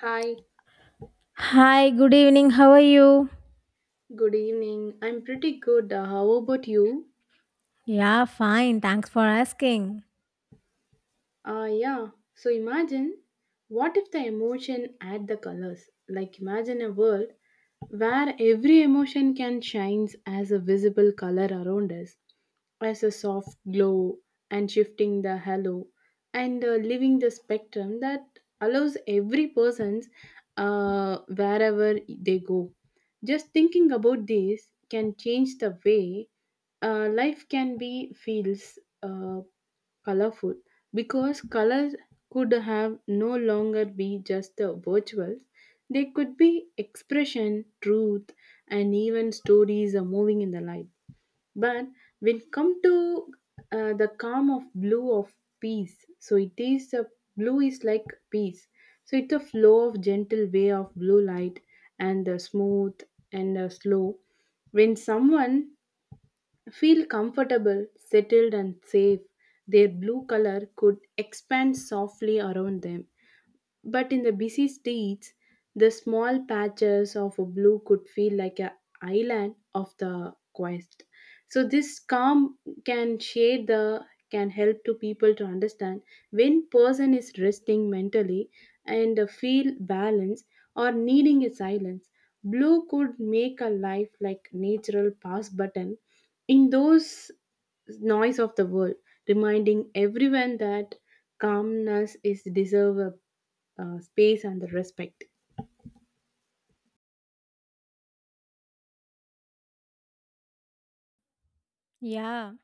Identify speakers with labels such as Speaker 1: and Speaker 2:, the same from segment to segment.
Speaker 1: Hi,
Speaker 2: Hi, good evening. How are you?
Speaker 1: good evening. I'm pretty good. How about you?
Speaker 2: Yeah, fine. Thanks for asking.
Speaker 1: Uh, yeah. So imagine, what if the emotion add the colors? Like imagine a world where every emotion can shines as a visible color around us, as a soft glow and shifting the halo and leaving the spectrum that allows every person's wherever they go. Just thinking about this can change the way life can be feels colorful, because colors could have no longer be just the virtual. They could be expression truth and even stories are moving in the light. But when come to the calm of blue of peace, so it is a, blue is like peace. So it's a flow of gentle way of blue light, and the smooth and slow. When someone feel comfortable, settled and safe, their blue color could expand softly around them. But in the busy streets, the small patches of a blue could feel like an island of the quest. So this calm can shade the, can help to people to understand when person is resting mentally and feel balance or needing a silence. Blue could make a life like natural pause button in those noise of the world, reminding everyone that calmness is deserved space and the respect.
Speaker 2: Yeah,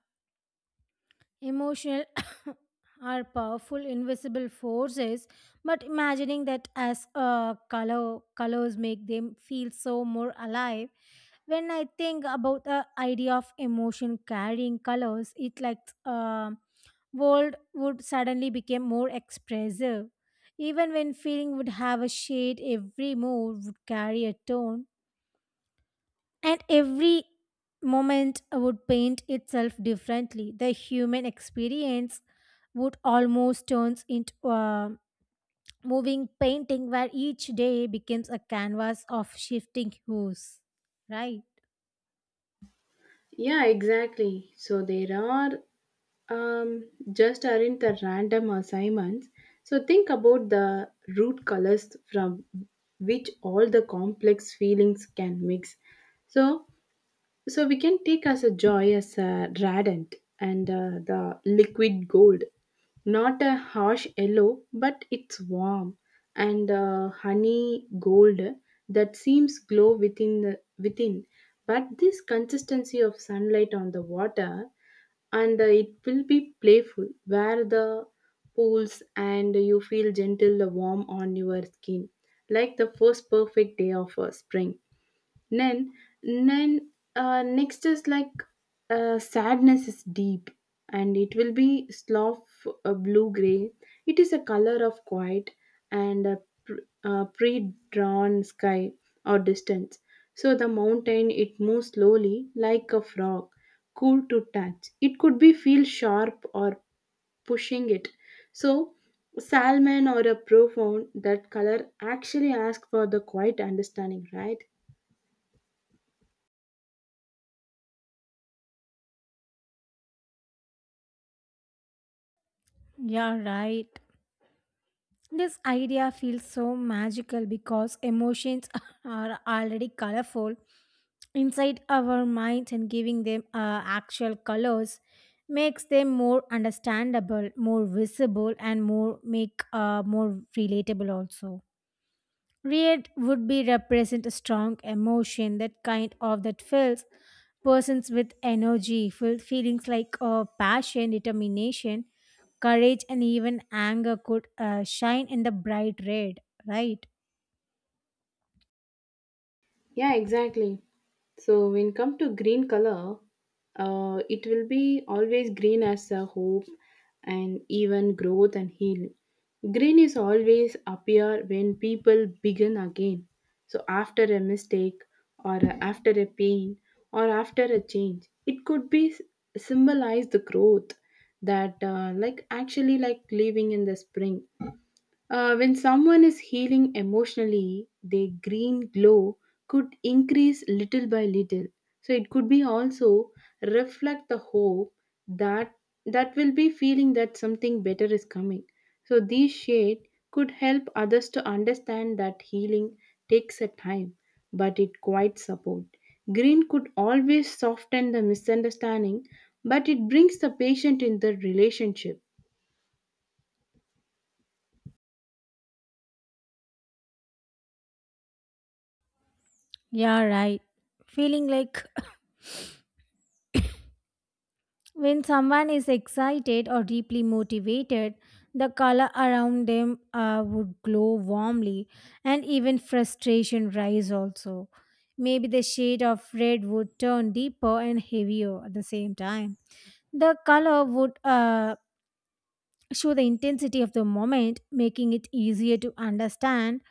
Speaker 2: emotional are powerful invisible forces, but imagining that as colors make them feel so more alive. When I think about the idea of emotion carrying colors, it like uh, world would suddenly become more expressive. Even when feeling would have a shade, every move would carry a tone, and every moment would paint itself differently. The human experience would almost turns into a moving painting where each day becomes a canvas of shifting hues, right?
Speaker 1: Yeah, exactly. So there are just aren't the random assignments. So think about the root colors from which all the complex feelings can mix. So So we can take as a joy as a radiant and the liquid gold, not a harsh yellow, but it's warm and honey gold that seems glow within the, within. But this consistency of sunlight on the water, and it will be playful where the pools, and you feel gentle warm on your skin, like the first perfect day of spring. Then, next is like sadness is deep, and it will be sloth, blue gray. It is a color of quiet and a pr- pre drawn sky or distance. So the mountain, it moves slowly like a frog, cool to touch. It could be feel sharp or pushing it. So salmon or a profound, that color actually asks for the quiet understanding, right?
Speaker 2: Yeah, right. This idea feels so magical because emotions are already colorful inside our minds, and giving them actual colors makes them more understandable, more visible, and more relatable also. Red would be represent a strong emotion that kind of that fills persons with energy, feelings like passion, determination, courage, and even anger could shine in the bright red. Right?
Speaker 1: Yeah, exactly. So when come to green color, it will be always green as a hope and even growth and healing. Green is always appear when people begin again. So after a mistake or after a pain or after a change, it could be symbolize the growth that like actually like living in the spring. Uh, when someone is healing emotionally, their green glow could increase little by little. So it could be also reflect the hope that will be feeling that something better is coming. So these shade could help others to understand that healing takes a time, but it quite support. Green could always soften the misunderstanding, but it brings the patient in the relationship.
Speaker 2: Yeah, right. Feeling like, when someone is excited or deeply motivated, the color around them would glow warmly, and even frustration rise also. Maybe the shade of red would turn deeper and heavier at the same time. The color would show the intensity of the moment, making it easier to understand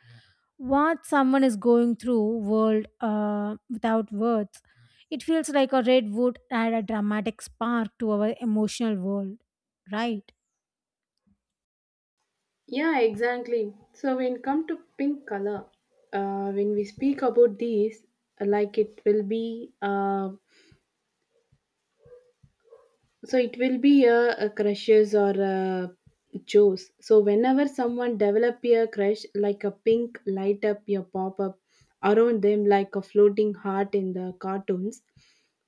Speaker 2: what someone is going through world without words. It feels like a red wood add a dramatic spark to our emotional world, right?
Speaker 1: Yeah, exactly. So when come to pink color, when we speak about these, like it will be so it will be a crushes or a chose. So whenever someone develop a crush, like a pink light up your pop up around them like a floating heart in the cartoons,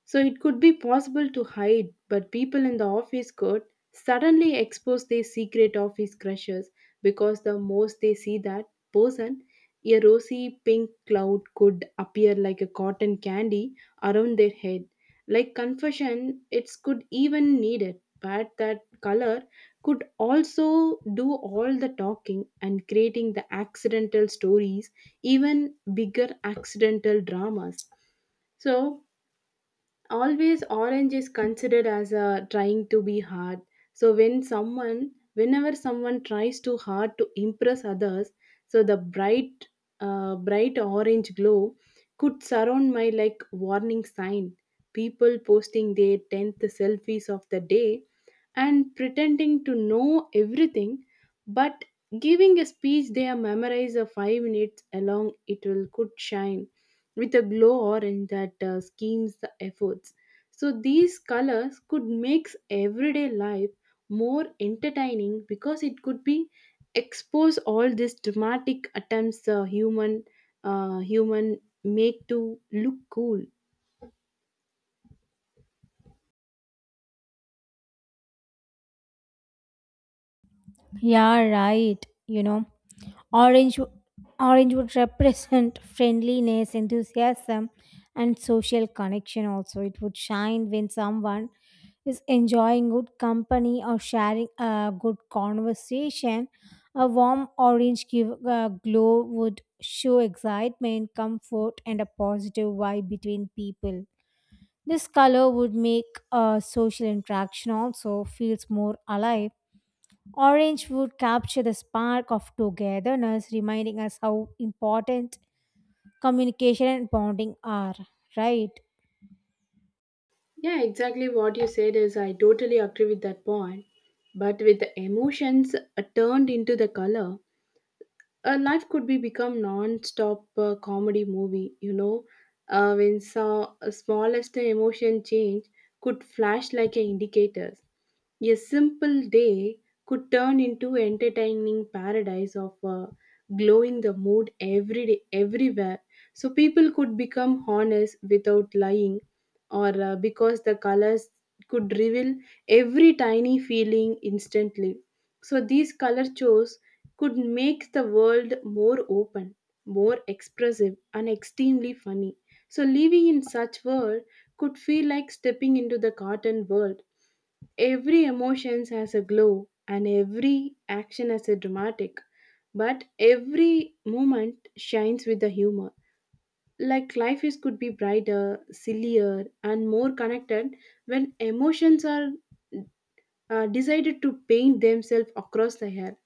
Speaker 1: so it could be possible to hide. But people in the office could suddenly expose their secret office crushes, because the most they see that person, a rosy pink cloud could appear like a cotton candy around their head, like confession it's could even need it. But that color could also do all the talking and creating the accidental stories, even bigger accidental dramas. So always orange is considered as a trying to be hard. So when someone, whenever someone tries too hard to impress others, so the bright orange glow could surround my like warning sign. People posting their 10th selfies of the day and pretending to know everything, but giving a speech they are memorized of 5 minutes along, it will could shine with a glow orange that schemes the efforts. So these colors could make everyday life more entertaining, because it could be expose all these dramatic attempts human make to look cool.
Speaker 2: Yeah, right. You know, orange orange would represent friendliness, enthusiasm, and social connection also. It would shine when someone is enjoying good company or sharing a good conversation. A warm orange give, glow would show excitement, comfort, and a positive vibe between people. This color would make a social interaction also feels more alive. Orange would capture the spark of togetherness, reminding us how important communication and bonding are, right?
Speaker 1: Yeah, exactly what you said, is I totally agree with that point. But with the emotions turned into the color, life could be become non-stop comedy movie, you know, when saw a smallest emotion change could flash like a indicators. A simple day could turn into entertaining paradise of glowing the mood every day everywhere. So people could become honest without lying or because the colors could reveal every tiny feeling instantly. So these color shows could make the world more open, more expressive, and extremely funny. So, living in such world could feel like stepping into the cartoon world. Every emotions has a glow, and every action has a dramatic, but every moment shines with the humor. Like life is could be brighter, sillier, and more connected when emotions are decided to paint themselves across the hair.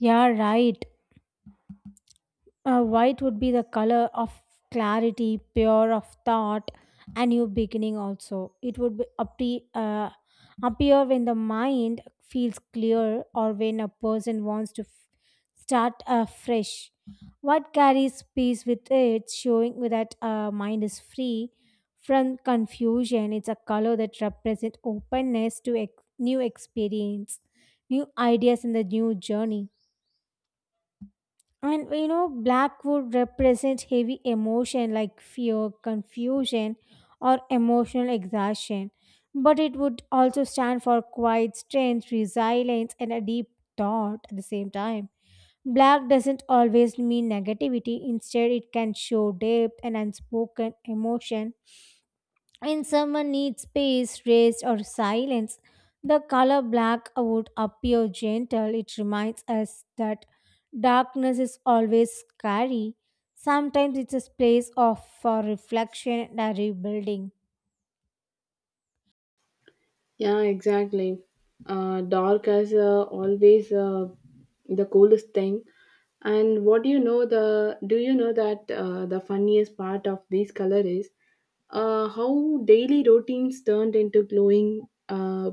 Speaker 2: Yeah, right. White would be the color of clarity, pure of thought, a new beginning. Also, it would be appear when the mind feels clear or when a person wants to start afresh. What carries peace with it, showing that mind is free from confusion. It's a color that represents openness to new experience, new ideas, and the new journey. And you know, black would represent heavy emotion like fear, confusion, or emotional exhaustion. But it would also stand for quiet strength, resilience, and a deep thought at the same time. Black doesn't always mean negativity. Instead, it can show depth and unspoken emotion. When someone needs space, rest, or silence, the color black would appear gentle. It reminds us that darkness is always scary. Sometimes it's a place of reflection and rebuilding.
Speaker 1: Yeah, exactly. Dark is always the coolest thing. And what do you know, the, do you know that the funniest part of this color is how daily routines turned into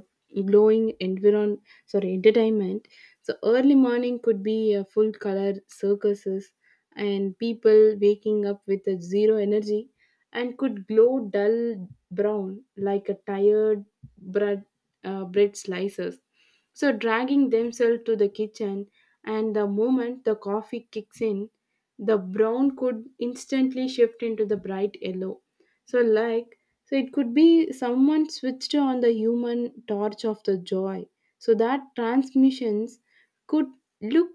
Speaker 1: glowing environ, sorry, entertainment. So early morning could be a full color circuses, and people waking up with a zero energy and could glow dull brown like a tired bread, bread slices. So, dragging themselves to the kitchen, and the moment the coffee kicks in, the brown could instantly shift into the bright yellow. So, like, so it could be someone switched on the human torch of the joy. So that transmissions could look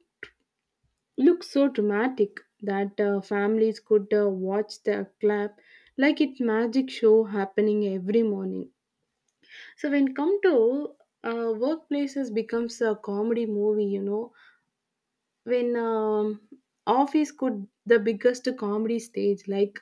Speaker 1: look so dramatic that families could watch the clap like it magic show happening every morning. So when come to workplaces becomes a comedy movie, you know, when office could the biggest comedy stage, like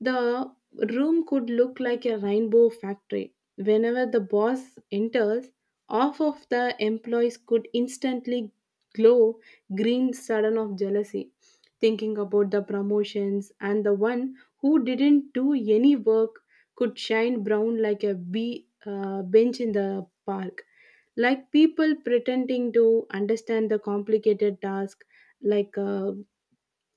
Speaker 1: the room could look like a rainbow factory. Whenever the boss enters, half of the employees could instantly glow green sudden of jealousy, thinking about the promotions, and the one who didn't do any work could shine brown like a bee, bench in the park. Like people pretending to understand the complicated task, like uh,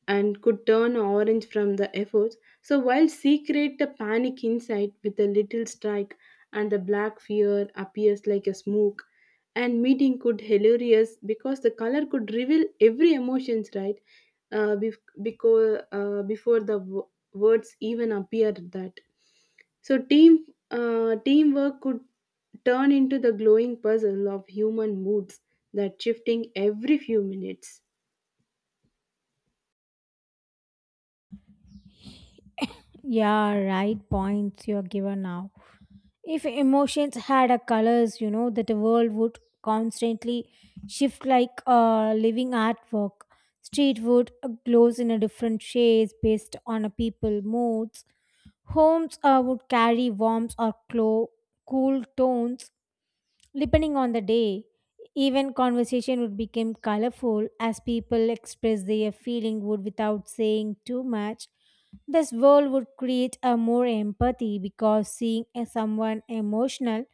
Speaker 1: and could turn orange from the efforts. So while secret the panic inside with a little strike, and the black fear appears like a smoke, and meeting could hilarious because the color could reveal every emotions, right? Because before the words even appear that, so teamwork could turn into the glowing puzzle of human moods that shifting every few minutes.
Speaker 2: Yeah, right points you are given now. If emotions had a colors, you know, that the world would constantly shift like a living artwork. Street would glows in a different shades based on a people moods. Homes would carry warmth or cool tones. Depending on the day, even conversation would become colorful as people express their feeling would without saying too much. This world would create a more empathy because seeing a someone emotional,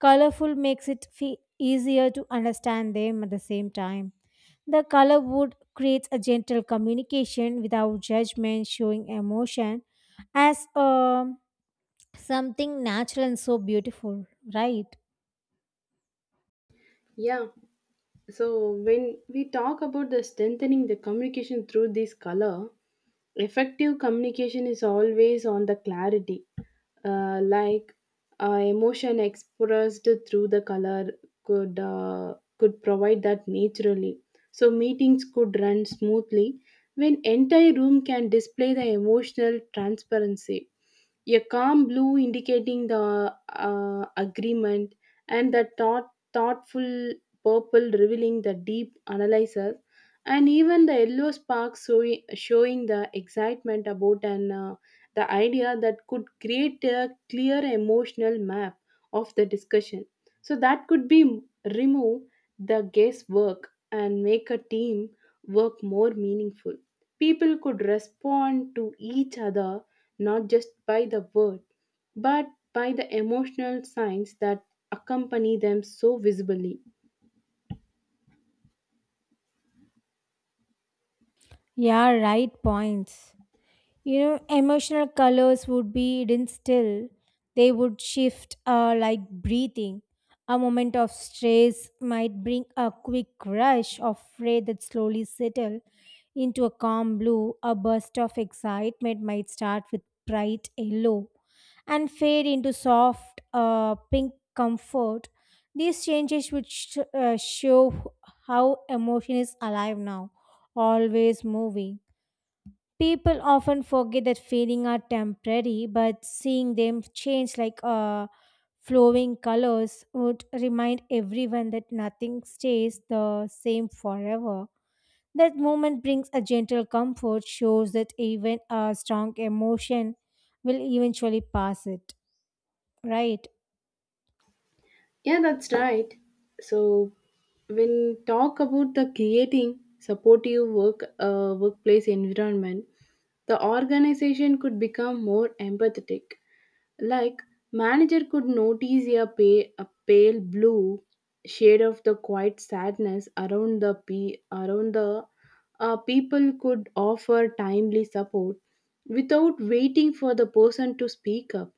Speaker 2: colorful makes it easier to understand them at the same time. The color would create a gentle communication without judgment, showing emotion as something natural and so beautiful, right?
Speaker 1: Yeah. So when we talk about the strengthening the communication through this color, effective communication is always on the clarity, uh, like emotion expressed through the color could provide that naturally. So meetings could run smoothly when entire room can display the emotional transparency. A calm blue indicating the agreement and the thought, thoughtful purple revealing the deep analysis, and even the yellow sparks showing the excitement about an, the idea, that could create a clear emotional map of the discussion. So that could be remove the guesswork and make a team work more meaningful. People could respond to each other not just by the word, but by the emotional signs that accompany them so visibly.
Speaker 2: Yeah, right points. You know, emotional colors would be hidden still. They would shift like breathing. A moment of stress might bring a quick rush of red that slowly settle into a calm blue. A burst of excitement might start with bright yellow and fade into soft pink comfort. These changes would show how emotion is alive now, always moving. People often forget that feelings are temporary, but seeing them change like flowing colors would remind everyone that nothing stays the same forever. That moment brings a gentle comfort, shows that even a strong emotion will eventually pass it. Right?
Speaker 1: Yeah, that's right. So, when talk about the creating supportive workplace environment, the organization could become more empathetic. Like manager could notice a, pay, a pale blue shade of the quiet sadness around the around the people, could offer timely support without waiting for the person to speak up,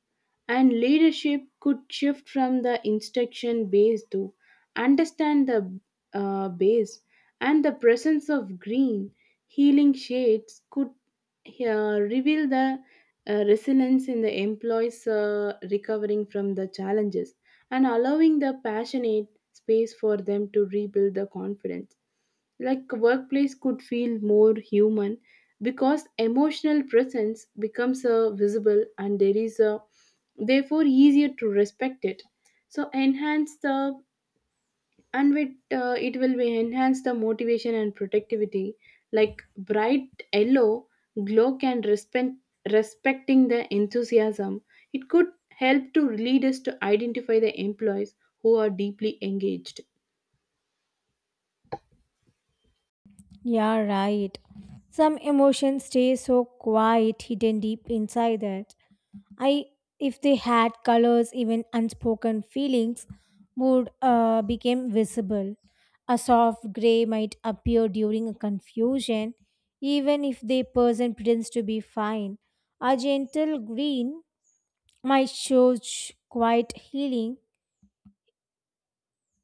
Speaker 1: and leadership could shift from the instruction base to understand the base. And the presence of green healing shades could reveal the resilience in the employees recovering from the challenges, and allowing the passionate space for them to rebuild the confidence. Like workplace could feel more human because emotional presence becomes visible, and there is a therefore easier to respect it. So enhance the, and with it will be enhance the motivation and productivity, like bright yellow glow can respecting the enthusiasm, it could help to lead us to identify the employees who are deeply engaged.
Speaker 2: Yeah, right. Some emotions stay so quiet, hidden deep inside us. I, if they had colors, even unspoken feelings would become visible. A soft gray might appear during a confusion, even if the person pretends to be fine. A gentle green might show quite healing,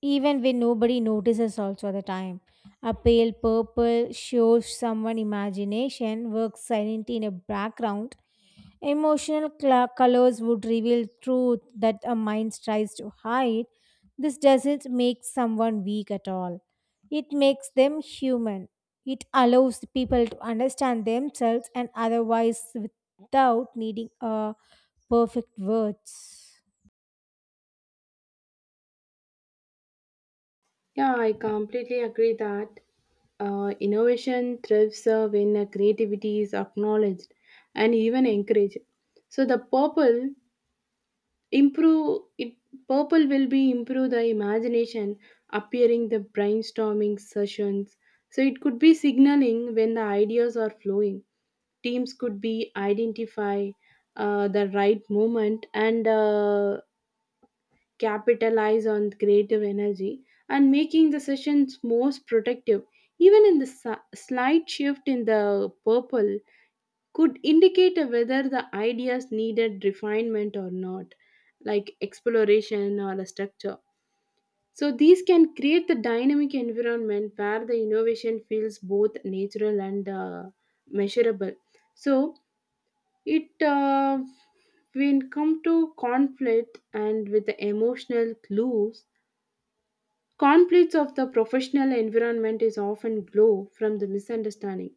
Speaker 2: even when nobody notices. Also, at the time, a pale purple shows someone imagination works silently in a background. Emotional cla colors would reveal truth that a mind tries to hide. This doesn't make someone weak at all. It makes them human. It allows people to understand themselves and otherwise without needing a perfect words.
Speaker 1: Yeah, I completely agree that innovation thrives when creativity is acknowledged and even encouraged. So the purple improve it. Purple will be improve the imagination, appearing the brainstorming sessions. So it could be signaling when the ideas are flowing. Teams could be identify the right moment, and capitalize on creative energy and making the sessions most productive. Even in the slight shift in the purple could indicate whether the ideas needed refinement or not, like exploration or a structure. So these can create the dynamic environment where the innovation feels both natural and measurable. So it when come to conflict and with the emotional clues. Conflicts of the professional environment is often grow from the misunderstanding.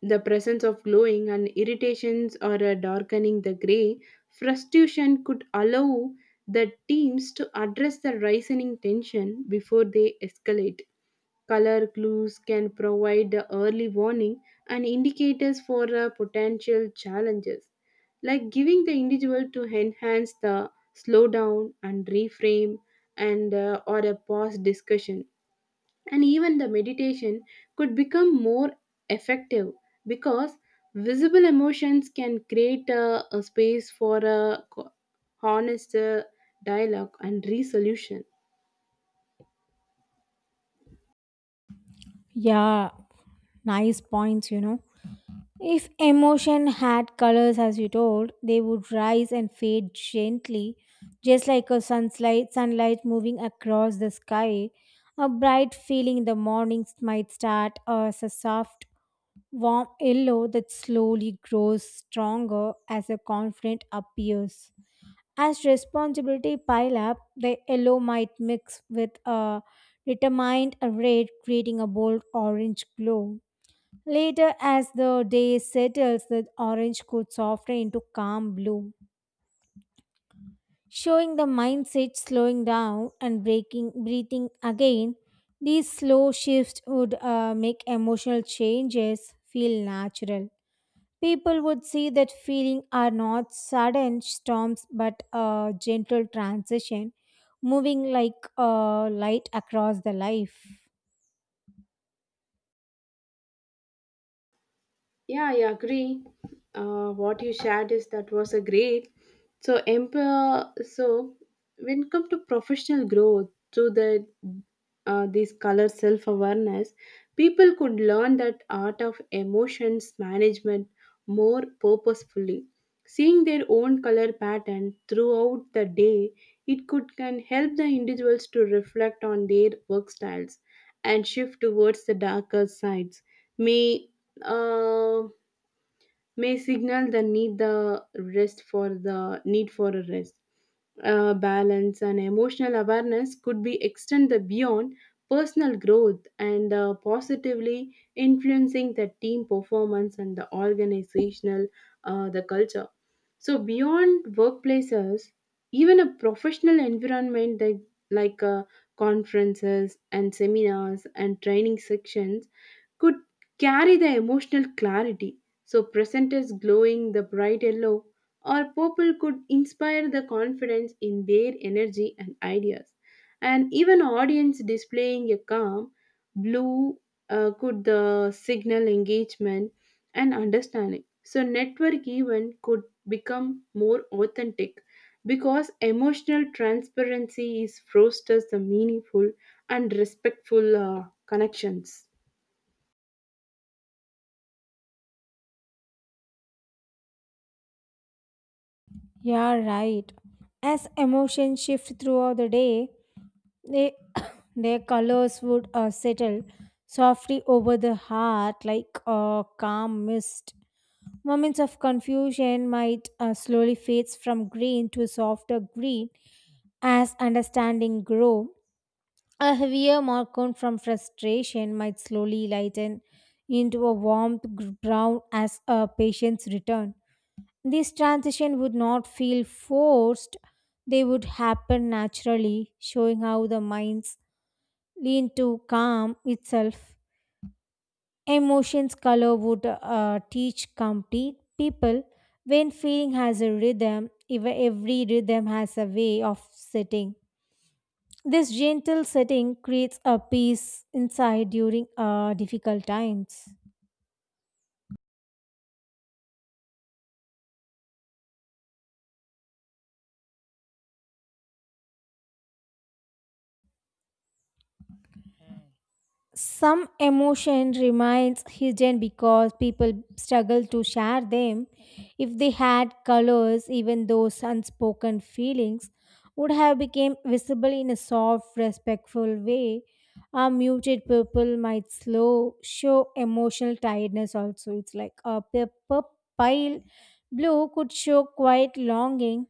Speaker 1: The presence of glowing and irritations or a darkening the gray, frustration could allow the teams to address the rising tension before they escalate. Color clues can provide the early warning and indicators for potential challenges, like giving the individual to enhance the slow down and reframe, and or a pause discussion, and even the meditation could become more effective, because visible emotions can create a space for a honest dialogue and resolution.
Speaker 2: Yeah, nice points, you know. If emotion had colors, as you told, they would rise and fade gently, just like a sunlight moving across the sky. A bright feeling in the mornings might start as a soft, warm yellow that slowly grows stronger as the confidence appears. As responsibility pile up, the yellow might mix with a determined red, creating a bold orange glow. Later, as the day settles, the orange could soften into calm blue, showing the mindset slowing down and breathing again. These slow shifts would make emotional changes feel natural. People would see that feeling are not sudden storms but a gentle transition, moving like a light across the life.
Speaker 1: Yeah, I agree. What you shared is that was a great. So, emperor. So, when it come to professional growth through the this color self awareness, people could learn that art of emotions management more purposefully. Seeing their own color pattern throughout the day, it could can help the individuals to reflect on their work styles and shift towards the darker sides. May uh, may signal the need the rest, for the need for a rest balance and emotional awareness could be extended beyond personal growth and positively influencing the team performance and the organizational the culture. So beyond workplaces, even a professional environment that, like uh, conferences and seminars and training sections could carry the emotional clarity. So present is glowing the bright yellow or people could inspire the confidence in their energy and ideas. And even audience displaying a calm blue could the signal engagement and understanding. So network event could become more authentic, because emotional transparency is fosters the meaningful and respectful connections.
Speaker 2: Yeah, right. As emotions shift throughout the day, they, their colors would settle softly over the heart like a calm mist. Moments of confusion might slowly fades from green to softer green as understanding grow. A heavier markon from frustration might slowly lighten into a brown as a patient's return. This transition would not feel forced, they would happen naturally, showing how the mind's lean to calm itself. Emotions color would teach complete people when feeling has a rhythm, every rhythm has a way of setting. This gentle setting creates a peace inside during difficult times. Some emotion remains hidden because people struggle to share them. If they had colors, even those unspoken feelings would have become visible in a soft respectful way. A muted purple might slow show emotional tiredness. Also, it's like a purple pale blue could show quiet longing.